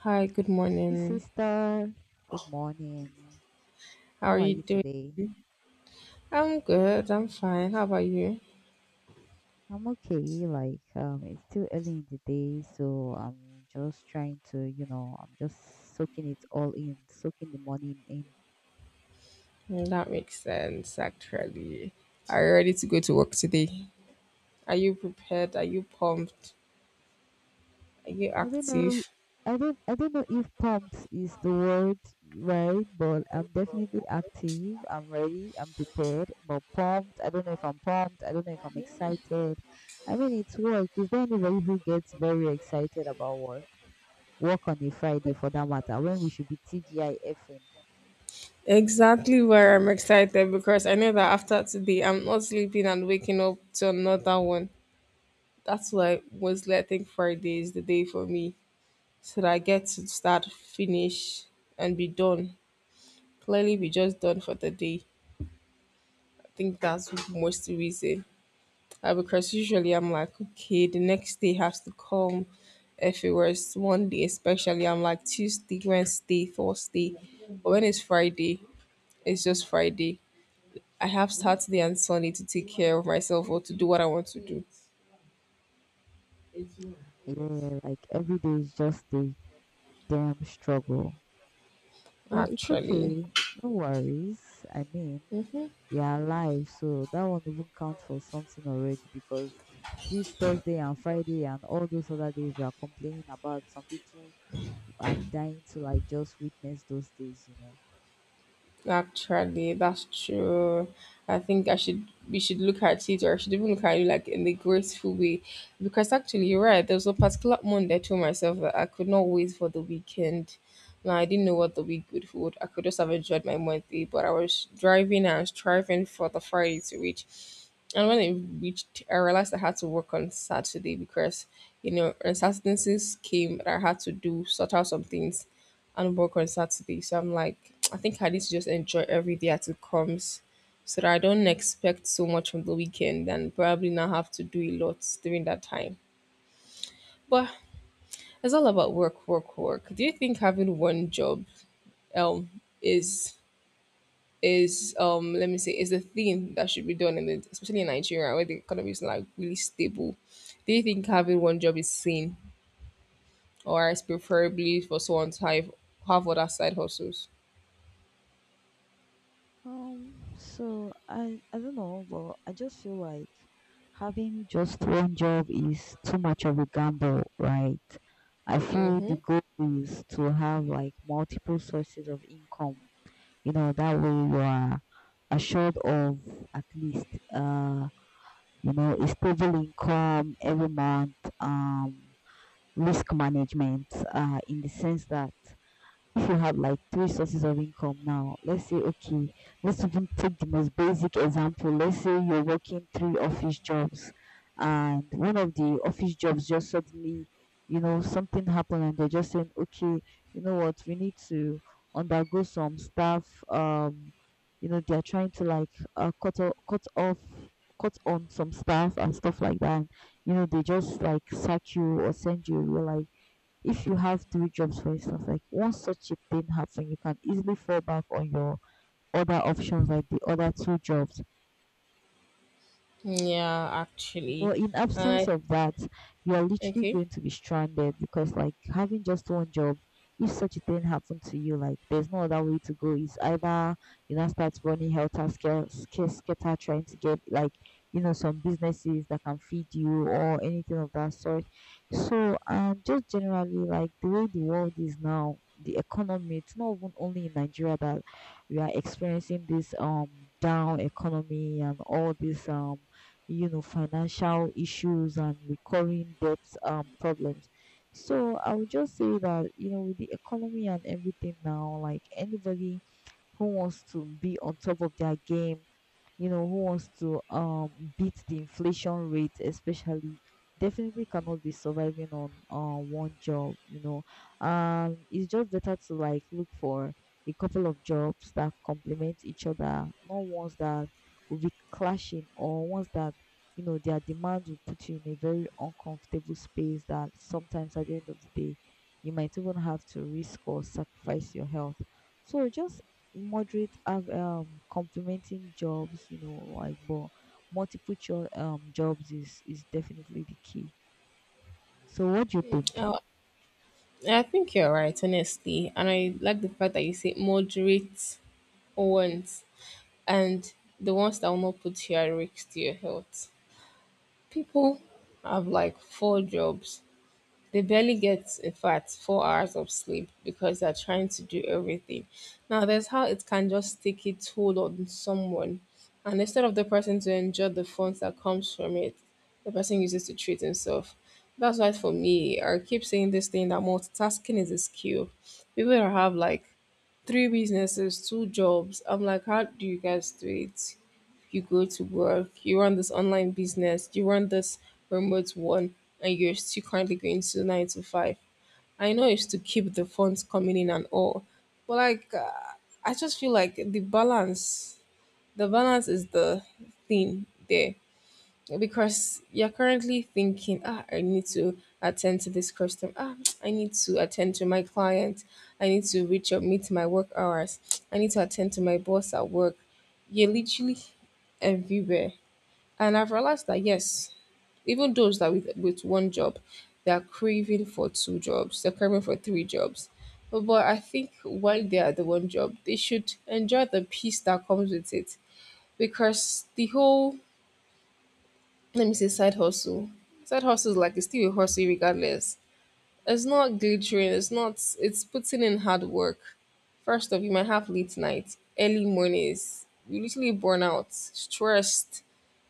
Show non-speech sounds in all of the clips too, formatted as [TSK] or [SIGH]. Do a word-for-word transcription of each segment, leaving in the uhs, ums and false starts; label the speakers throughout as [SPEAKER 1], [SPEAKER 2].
[SPEAKER 1] Hi, good
[SPEAKER 2] Hey
[SPEAKER 1] morning.
[SPEAKER 2] sister, good morning.
[SPEAKER 1] How are
[SPEAKER 2] How are
[SPEAKER 1] you
[SPEAKER 2] you
[SPEAKER 1] doing?
[SPEAKER 2] today?
[SPEAKER 1] I'm good. I'm fine. How about you?
[SPEAKER 2] I'm okay. Like um, it's still early in the day, so I'm just trying to, you know, I'm just soaking it all in, soaking the morning in.
[SPEAKER 1] Mm, that makes sense, actually. Are you ready to go to work today? Are you prepared? Are you pumped? Are you
[SPEAKER 2] I don't know. i-
[SPEAKER 1] active?
[SPEAKER 2] I don't. I don't know if pumped is the word, right? But I'm definitely active. I'm ready. I'm prepared. But pumped. I don't know if I'm pumped. I don't know if I'm excited. I mean, it's work. Is there anybody who gets very excited about work? Work on a Friday for that matter when we should be TGIFing.
[SPEAKER 1] Exactly where I'm excited because I know that after today, I'm not sleeping and waking up to another one. That's why mostly I think Friday is the day for me so that I get to start, finish, and be done. Clearly, be just done for the day. I think that's most reason. Uh, because usually I'm like, okay, the next day has to come. If it was one day, especially, I'm like Tuesday, Wednesday, Thursday. But when it's Friday, it's just Friday. I have Saturday and Sunday to take care of myself or to do what I want to do,
[SPEAKER 2] Yeah, like every day is just a damn struggle. Well, it's
[SPEAKER 1] actually.
[SPEAKER 2] okay. No worries. I mean,
[SPEAKER 1] Mm-hmm.
[SPEAKER 2] we are alive, so that won't even count for something already because this Thursday and Friday and all those other days we are complaining about, some people are dying to like just witness those days, you know.
[SPEAKER 1] Actually, that's true. I think I should we should look at it, or I should even look at it like in the graceful way. Because actually you're right, there was a particular moment I told myself that I could not wait for the weekend. Now I didn't know what the week would hold. I could just have enjoyed my Monday, but I was driving and striving for the Friday to reach. And when it reached, I realized I had to work on Saturday because, you know, uncertainties came that I had to do, sort out some things and work on Saturday. So I'm like, I think I need to just enjoy every day as it comes so that I don't expect so much from the weekend and probably not have to do a lot during that time. But it's all about work, work, work. Do you think having one job um is is um let me say is the thing that should be done in the, especially in Nigeria where the economy is like really stable. Do you think having one job is sane, or is preferably for someone to have have other side hustles?
[SPEAKER 2] Um, so I I don't know, but I just feel like having just one job is too much of a gamble, right? I feel the
[SPEAKER 1] Mm-hmm.
[SPEAKER 2] goal is to have like multiple sources of income. You know, that way you are assured of at least uh you know a stable income every month. Um, risk management. Uh, in the sense that if you have like three sources of income now, let's say, okay, let's even take the most basic example. Let's say you're working three office jobs, and one of the office jobs just suddenly, you know, something happened, and they're just saying, okay, you know what, we need to undergo some staff. Um, you know, they're trying to like uh, cut off, cut off, cut on some staff and stuff like that. And, you know, they just like sack you or send you. You're like if you have three jobs for instance like once such a thing happen you can easily fall back on your other options like the other two jobs.
[SPEAKER 1] Yeah, actually,
[SPEAKER 2] But in
[SPEAKER 1] and
[SPEAKER 2] absence
[SPEAKER 1] I
[SPEAKER 2] of that, you are literally
[SPEAKER 1] okay.
[SPEAKER 2] going to be stranded because like having just one job, if such a thing happened to you, like there's no other way to go. It's either you know start running helter skelter, skelter trying to get like you know some businesses that can feed you or anything of that sort. So um, just generally like the way the world is now, the economy. It's not even only in Nigeria that we are experiencing this um down economy and all this um you know, financial issues and recurring debt um, problems. So I would just say that, you know, with the economy and everything now, like anybody who wants to be on top of their game, you know, who wants to um beat the inflation rate, especially, definitely cannot be surviving on uh, one job. You know, um, it's just better to like look for a couple of jobs that complement each other, not ones that will be clashing or ones that you know their demands will put you in a very uncomfortable space that sometimes at the end of the day you might even have to risk or sacrifice your health, so just moderate, have um complementing jobs, you know, like but multiple cho- um jobs is is definitely the key. So, what do you think?
[SPEAKER 1] Uh, I think you're right, honestly, and I like the fact that you say moderate ones and the ones that will not put you at risk to your health. People have like four jobs. They barely get, in fact, four hours of sleep because they're trying to do everything. Now, there's how it can just take a toll on someone. And instead of the person to enjoy the fun that comes from it, the person uses to treat himself. That's why for me, I keep saying this thing that multitasking is a skill. People that have like three businesses, two jobs, I'm like, how do you guys do it? You go to work, you run this online business, you run this remote one, and you're still currently going to nine to five. I know it's to keep the funds coming in and all, but like, uh, I just feel like the balance, the balance is the thing there because you're currently thinking, ah, I need to attend to this customer. Ah, [TSK] I need to attend to my client. I need to reach or meet my work hours. I need to attend to my boss at work. You're literally everywhere. And I've realized that yes, even those that with with one job, they are craving for two jobs, they're craving for three jobs. But but I think while they are the one job, they should enjoy the peace that comes with it. Because the whole, let me say, side hustle. Side hustle is like it's still a hustle regardless. It's not glittering, it's not, it's putting in hard work. First off, you might have late nights, early mornings. You literally burn out, stressed.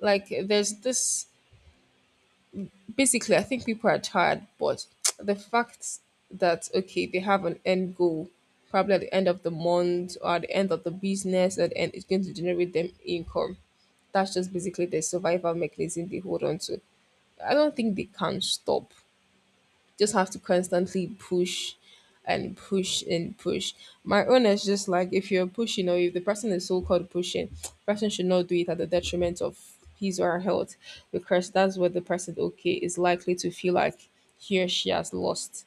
[SPEAKER 1] Like there's this. Basically, I think people are tired, but [TSK] the fact that okay, they have an end goal, probably at the end of the month or at the end of the business, and, and it's going to generate them income. That's just basically the survival mechanism they hold on to. I don't think they can stop, just have to constantly push and push and push. My own is just like if you're pushing or if the person is so called pushing, [TSK] person should not do it at the detriment of his or her health because that's what the person okay is likely to feel like he or she has lost.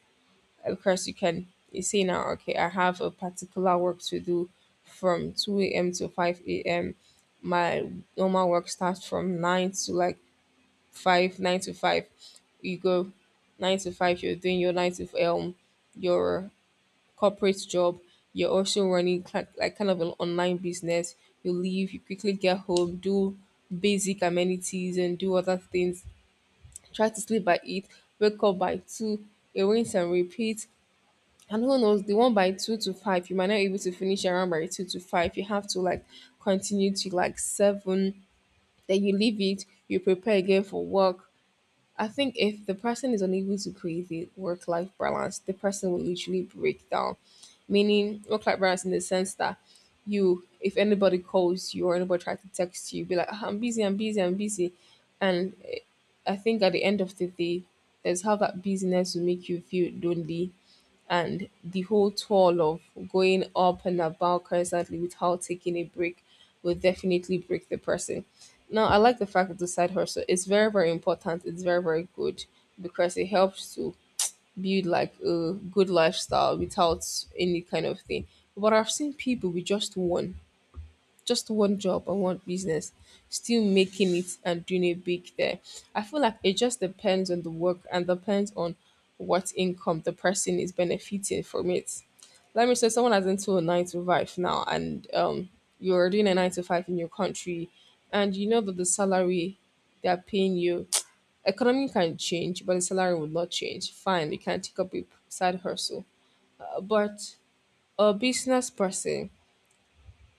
[SPEAKER 1] Of course you can you say now, okay, I have a particular work to do from two A M to five A M. My normal work starts from nine to like five, nine to five, you go nine to five, you're doing your nine to um your corporate job, you're also running cli- like kind of an online business, you leave, you quickly get home, do basic amenities and do other things, try to sleep by eight, wake up by two, rinse and repeat. And who knows, the one by two to five you might not be able to finish around by two to five, you have to like continue to like seven, then you leave it, you prepare again for work. I think if the person is unable to create a work life balance, the person will literally break down. Meaning, work life balance in the sense that you, if anybody calls you or anybody tries to text you, be like, "Ah, I'm busy, I'm busy, I'm busy." And eh, I think at the end of the day, there's how that busyness will make you feel lonely and the whole toll of going up and about constantly without taking a break will definitely break the person. Now, I like the fact that the side hustle is very, very important. It's very, very good because it helps to build like a good lifestyle without any kind of thing. But I've seen people with just one just one job or one business, still making it and doing it big there. I feel like it just depends on the work and depends on what income the person is benefiting from it. Let me say someone has into a nine to five now and um you're doing a nine to five in your country and you know that the salary they're paying you, [TSK] economy can change but the salary will not change, fine, you can take up a side hustle. Uh, but a business person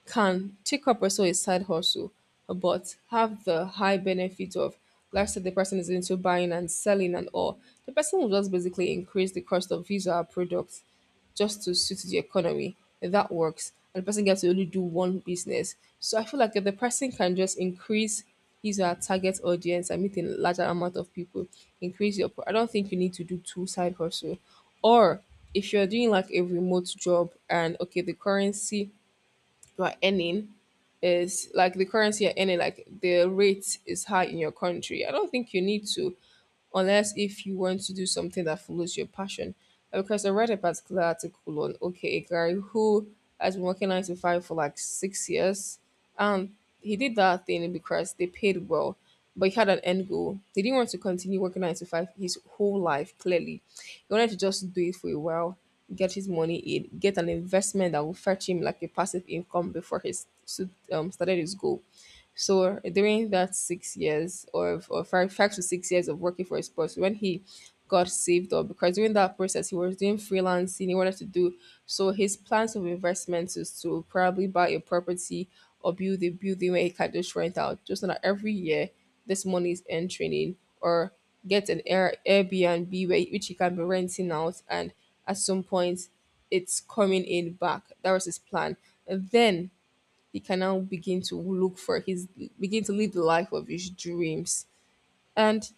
[SPEAKER 1] can take up also a side hustle, but have the high benefit of, let's say the person is into buying and selling and all. The person will just basically increase the cost of his or her products just to suit the economy. That works. And the person gets to only do one business. So I feel like if the person can just increase his or her target audience and meet a larger amount of people, increase your pro- I don't think you need to do two side hustle. Or if you're doing like a remote job and okay, the currency you are earning is like the currency in it, like the rate is high in your country. I don't think you need to, unless if you want to do something that follows your passion. Uh, Because I read a particular article on okay, a guy who has been working nine to five for like six years, and he did that thing because they paid well, but he had an end goal. He didn't want to continue working nine to five his whole life. Clearly, he wanted to just do it for a while, get his money in, get an investment that will fetch him like a passive income before he s- s- um, started his goal. So during that six years or, or five, five to six years of working for a sports, when he got saved up, because during that process he was doing freelancing, he wanted to do, so his plans of investments is to probably buy a property or build a building where he can just rent out, just so that every year this money is entering in, or get an Air, Airbnb where, which he can be renting out, and at some point it's coming in back. That was his plan. And then he can now begin to look for his, begin to live the life of his dreams. And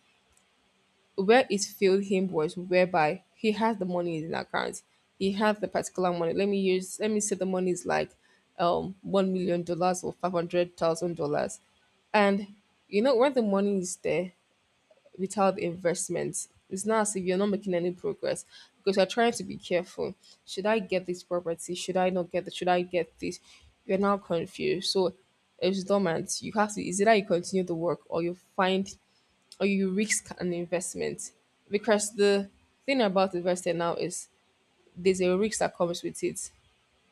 [SPEAKER 1] where it failed him was whereby he has the money in his account. He has the particular money. Let me use let me say the money is like um one million dollars or five hundred thousand dollars. And you know when the money is there, without the investment. It's not as if you're not making any progress because you're trying to be careful. Should I get this property? Should I not get this? Should I get this? You're now confused. So it's dormant. You have to, is either you continue the work or you find, or you risk an investment. Because the thing about investing now is there's a risk that comes with it.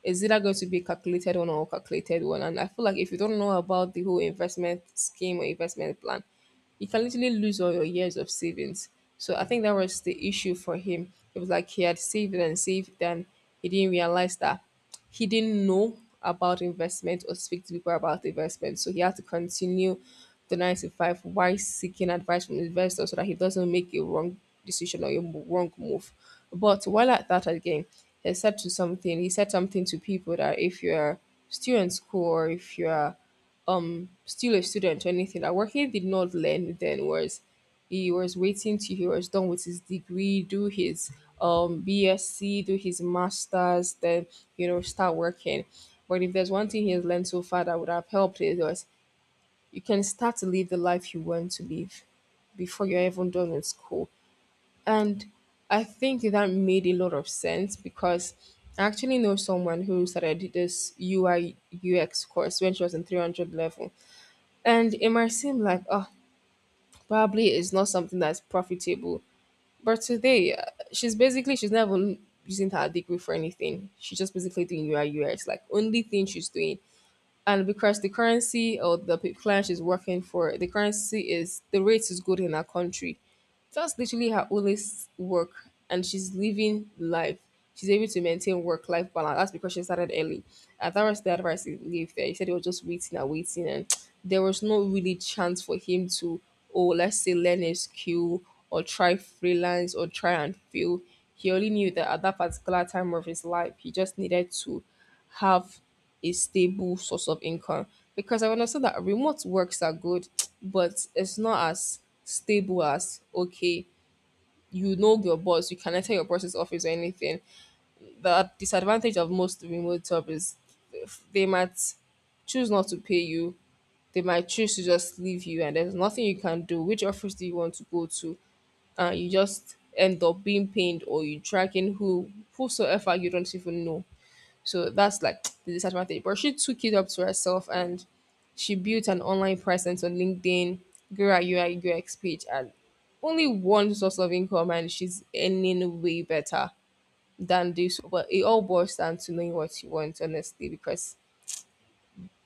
[SPEAKER 1] Is either going to be a calculated one or a calculated one. And I feel like if you don't know about the whole investment scheme or investment plan, you can literally lose all your years of savings. So I think that was the issue for him. It was like he had saved and saved, and he didn't realize that he didn't know about investment or speak to people about investment. So he had to continue the nine to five while seeking advice from investors so that he doesn't make a wrong decision or a mo- wrong move. But while at that again, he said to something, he said something to people that if you're still in school or if you're still a student or anything. That Wake did not learn then was he was waiting till he was done with his degree, do his um BSc, do his masters, then you know start working. But if there's one thing he has learned so far that would have helped it was you can start to live the life you want to live before you're even done with school. And I think that made a lot of sense because I actually know someone who started this U I U X course when she was in three hundred level, and it might seem like, oh, probably it's not something that's profitable. But today, uh, she's basically, she's not even using her degree for anything. She's just basically doing U I. Like, only thing she's doing, and because the currency or the pe- client she's working for, the currency is the rate is good in her country. That's literally her only s- work, and she's living life. She's able to maintain work-life balance. That's because she started early. And that was the advice he gave there. He said he was just waiting and waiting, and there was no really chance for him to, oh, let's say learn a skill or try freelance or try and fail. He only knew that at that particular time of his life, he just needed to have a stable source of income because I understand that remote works are good, [TSK] but it's not as stable as okay, you know your boss, you can enter your boss's office or anything. The disadvantage of most remote job is they might choose not to pay you. They might choose to just leave you, and there's nothing you can do. Which office do you want to go to? And you just end up being pained, or you tracking who whosoever you don't even know. So that's like the disadvantage. But she took it up to herself and she built an online presence on LinkedIn, grew her U I U X page, and only one source of income, and she's earning way better than this. But it all boils down to knowing what you want, honestly, because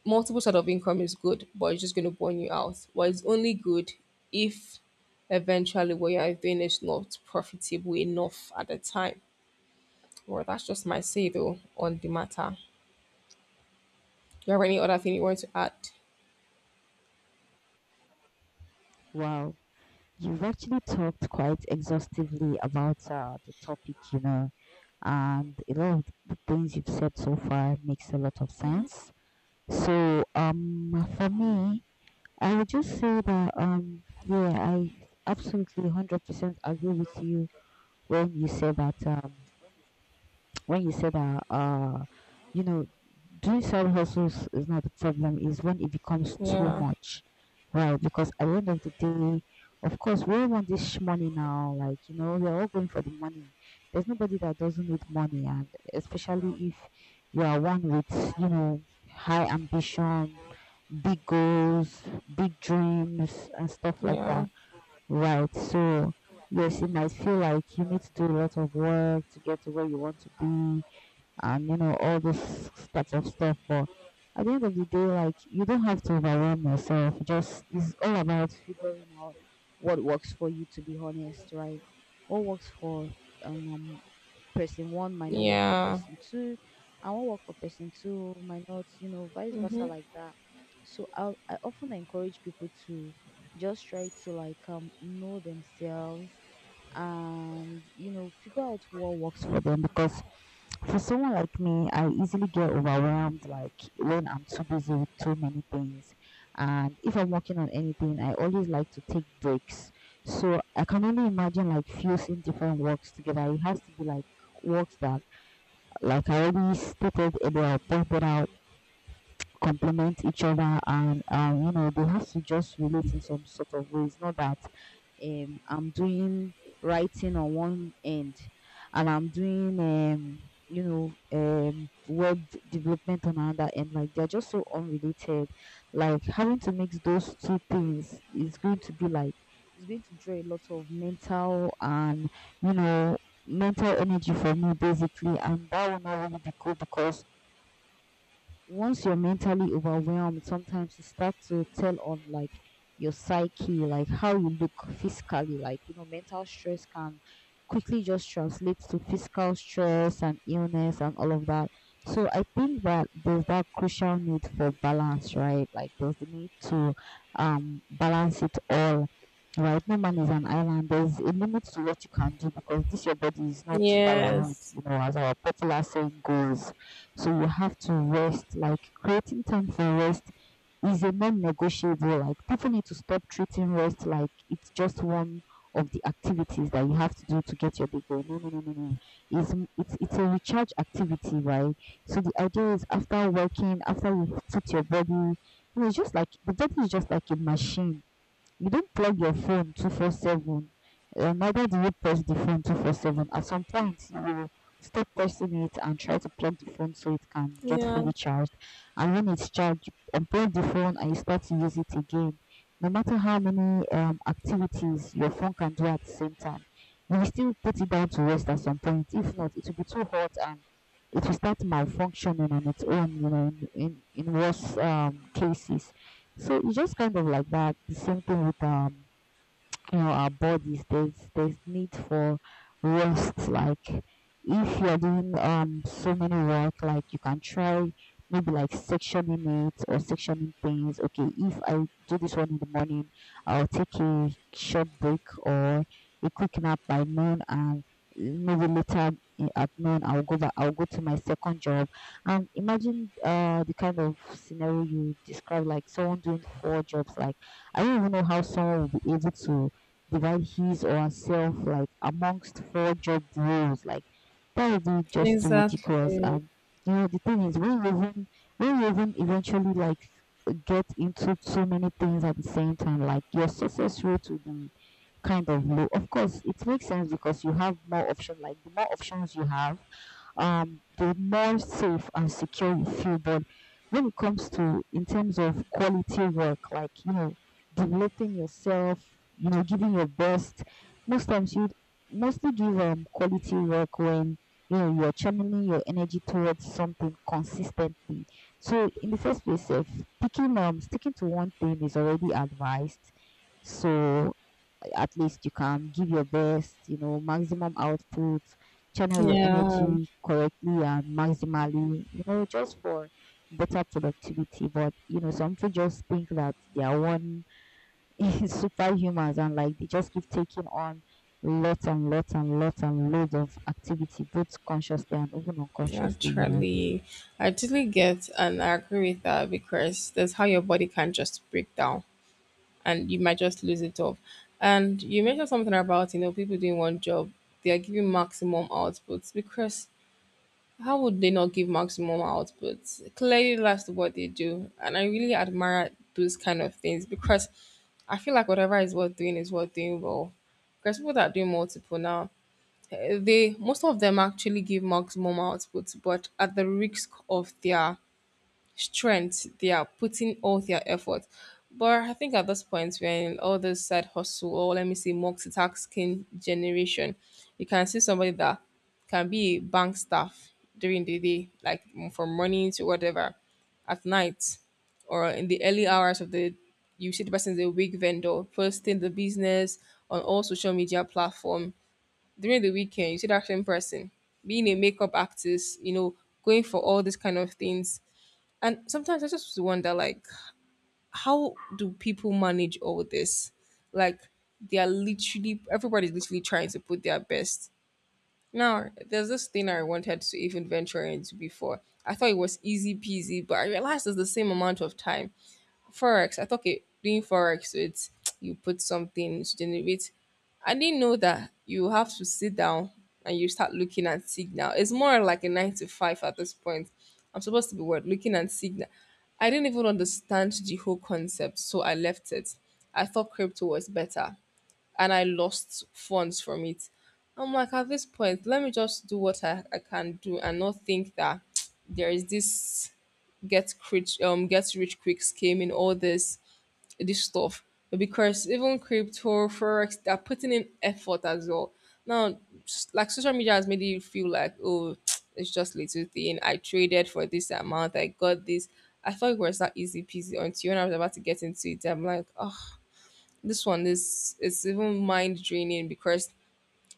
[SPEAKER 1] multiple sort of income is good, but it's just going to burn you out. But it's only good if eventually what you're doing is not profitable enough at the time. Well, that's just my say though on the matter. Do you have any other thing you want to add?
[SPEAKER 2] Wow, you've actually talked quite exhaustively about uh, the topic, you know, and a lot of the things you've said so far makes a lot of sense. So, um, for me, I would just say that, um, yeah, I absolutely one hundred percent agree with you when you say that, um, when you said that, uh, you know, doing side hustles is not the problem, is when it becomes too
[SPEAKER 1] Yeah,
[SPEAKER 2] much, right? Because at the end of the day, of course, we all want this money now. Like, you know, we're all going for the money. There's nobody that doesn't need money, and especially if you are one with, you know, high ambition, big goals, big dreams, and stuff like
[SPEAKER 1] yeah,
[SPEAKER 2] that, right? So, yes, it might feel like you need to do a lot of work to get to where you want to be and you know all this types of stuff. But at the end of the day, like you don't have to overwhelm yourself. You just it's all about figuring out what works for you. To be honest, right? What works for um um, person one might not work for
[SPEAKER 1] yeah,
[SPEAKER 2] person two, and what work for person two might not. You know, vice versa like that. So I I often encourage people to just try to like um know themselves and you know figure out what works for them because for someone like me I easily get overwhelmed like when I'm too busy with too many things, and if I'm working on anything I always like to take breaks, so I can only imagine like fusing different works together. It has to be like works that like I already stated earlier or pointed out complement each other and um you know they have to just relate in some sort of ways, not that um I'm doing writing on one end and I'm doing um you know um web development on another end. Like they're just so unrelated. Like having to mix those two things is going to be like it's going to draw a lot of mental and you know mental energy for me basically, and that will not really be good because once you're mentally overwhelmed, sometimes it starts to tell on like your psyche, like how you look physically. Like, you know, mental stress can quickly just translate to physical stress and illness and all of that. So I think that there's that crucial need for balance, right? Like there's the need to um balance it all. Right, no man is an island. There's a limit to what you can do because this your body is not firewood,
[SPEAKER 1] yes,
[SPEAKER 2] you know, as our popular saying goes. So you have to rest. Like creating time for rest is a non-negotiable. Like definitely to stop treating rest like it's just one of the activities that you have to do to get your day going. No, no, no, no, no. It's m- it's it's a recharge activity, right? So the idea is after working, after you put your body, you know, it's just like the body is just like a machine. You don't plug your phone twenty-four seven, uh, neither do you press the phone twenty-four seven. At some point, you will stop pressing it and try to plug the phone so it can get
[SPEAKER 1] yeah,
[SPEAKER 2] fully charged. And when it's charged, you unplug the phone and you start to use it again. No matter how many um, activities your phone can do at the same time, you will still put it down to rest at some point. If not, it will be too hot and it will start malfunctioning on its own, you know, in, in, in worse um, cases. So it's just kind of like that. The same thing with um you know our bodies. There's there's need for rest. Like if you're doing um so many work, like you can try maybe like sectioning it or sectioning things. Okay, if I do this one in the morning I'll take a short break or a quick nap by noon, and maybe later i- at noon I'll go back, I'll go to my second job. And imagine uh the kind of scenario you describe, like someone doing four jobs. Like I don't even know how someone will be able to divide his or herself like amongst four job roles. Like that would be just too ridiculous.
[SPEAKER 1] exactly.
[SPEAKER 2] Um, you know the thing is when you even when you even eventually like get into so many things at the same time, like your success rate will be kind of low. Of course, it makes sense because you have more options. Like the more options you have, um, the more safe and secure you feel. But when it comes to in terms of quality work, like you know, developing yourself, you know, giving your best, most times you mostly give um quality work when you know you're channeling your energy towards something consistently. So in the first place, if picking um sticking to one thing is already advised. So at least you can give your best, you know, maximum output, channel your
[SPEAKER 1] Yeah,
[SPEAKER 2] energy correctly and maximally, you know, just for better productivity. But, you know, some people just think that they are one [LAUGHS] superhumans and like they just keep taking on lots and lots and lots and loads of activity, both consciously and even unconsciously, you know.
[SPEAKER 1] actually, I totally get and I agree with that because that's how your body can just break down and you might just lose it off. And you mentioned something about you know people doing one job, they are giving maximum outputs, because how would they not give maximum output? Clearly, that's what they do. And I really admire those kind of things because I feel like whatever is worth doing is worth doing well. Because people that do multiple now, eh, they most of them actually give maximum output, but at the risk of their strength. They are putting all their effort, but I think at this point we're in all this side hustle, or let me say multitasking generation. You can see somebody that can be a bank staff during the day, like mm, from morning to whatever, at night or in the early hours of the, you see the person is a wig vendor posting the business on all social media platform. During the weekend you see that same person being a makeup artist, you know, going for all these kind of things. And sometimes I just wonder, like, how do people manage all this? Like, they are literally, everybody's literally trying to put their best. Now, there's this thing I wanted to even venture into before. I thought it was easy peasy, but I realized it's the same amount of time. Forex. I thought okay, doing forex, so it's you put something to generate. I didn't know that you have to sit down and you start looking at signal. It's more like a nine to five at this point. I'm supposed to be what, looking at signal. I didn't even understand the whole concept, so I left it. I thought crypto was better, and I lost funds from it. I'm like, at this point, let me just do what I, I can do and not think that [TSK] there is this get rich um get rich quick scheme in all this this stuff. Because even crypto, forex, they're putting in effort as well. Now, s- like social media has made you feel like, oh, [TSK] it's just little thing. I traded for this amount. I got this. I thought it was that easy peasy until when I was about to get into it. I'm like, oh, this one is it's even mind draining because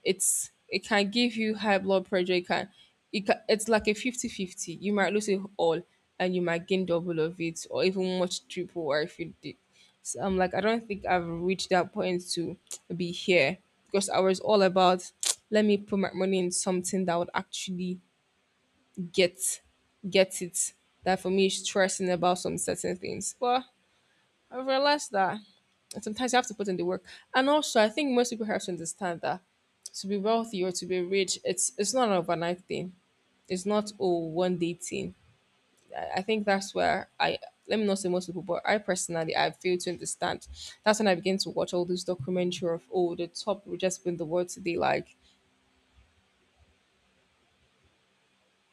[SPEAKER 1] it's it can give you high blood pressure. It can, it can it's like a fifty-fifty. You might lose it all, and you might gain double of it or even much triple, or if you did. So I'm like, I don't think I've reached that point to be here, because I was all about [TSK] let me put my money in something that would actually get get it. That for me is stressing about some certain things. Well, I've realized that sometimes you have to put in the work. And also, I think most people have to understand that to be wealthy or to be rich, it's it's not an overnight thing. It's not a one day thing. I, I think that's where I, let me not say most people, but I personally I fail to understand. That's when I begin to watch all these documentary of oh the top richest people in the world today, like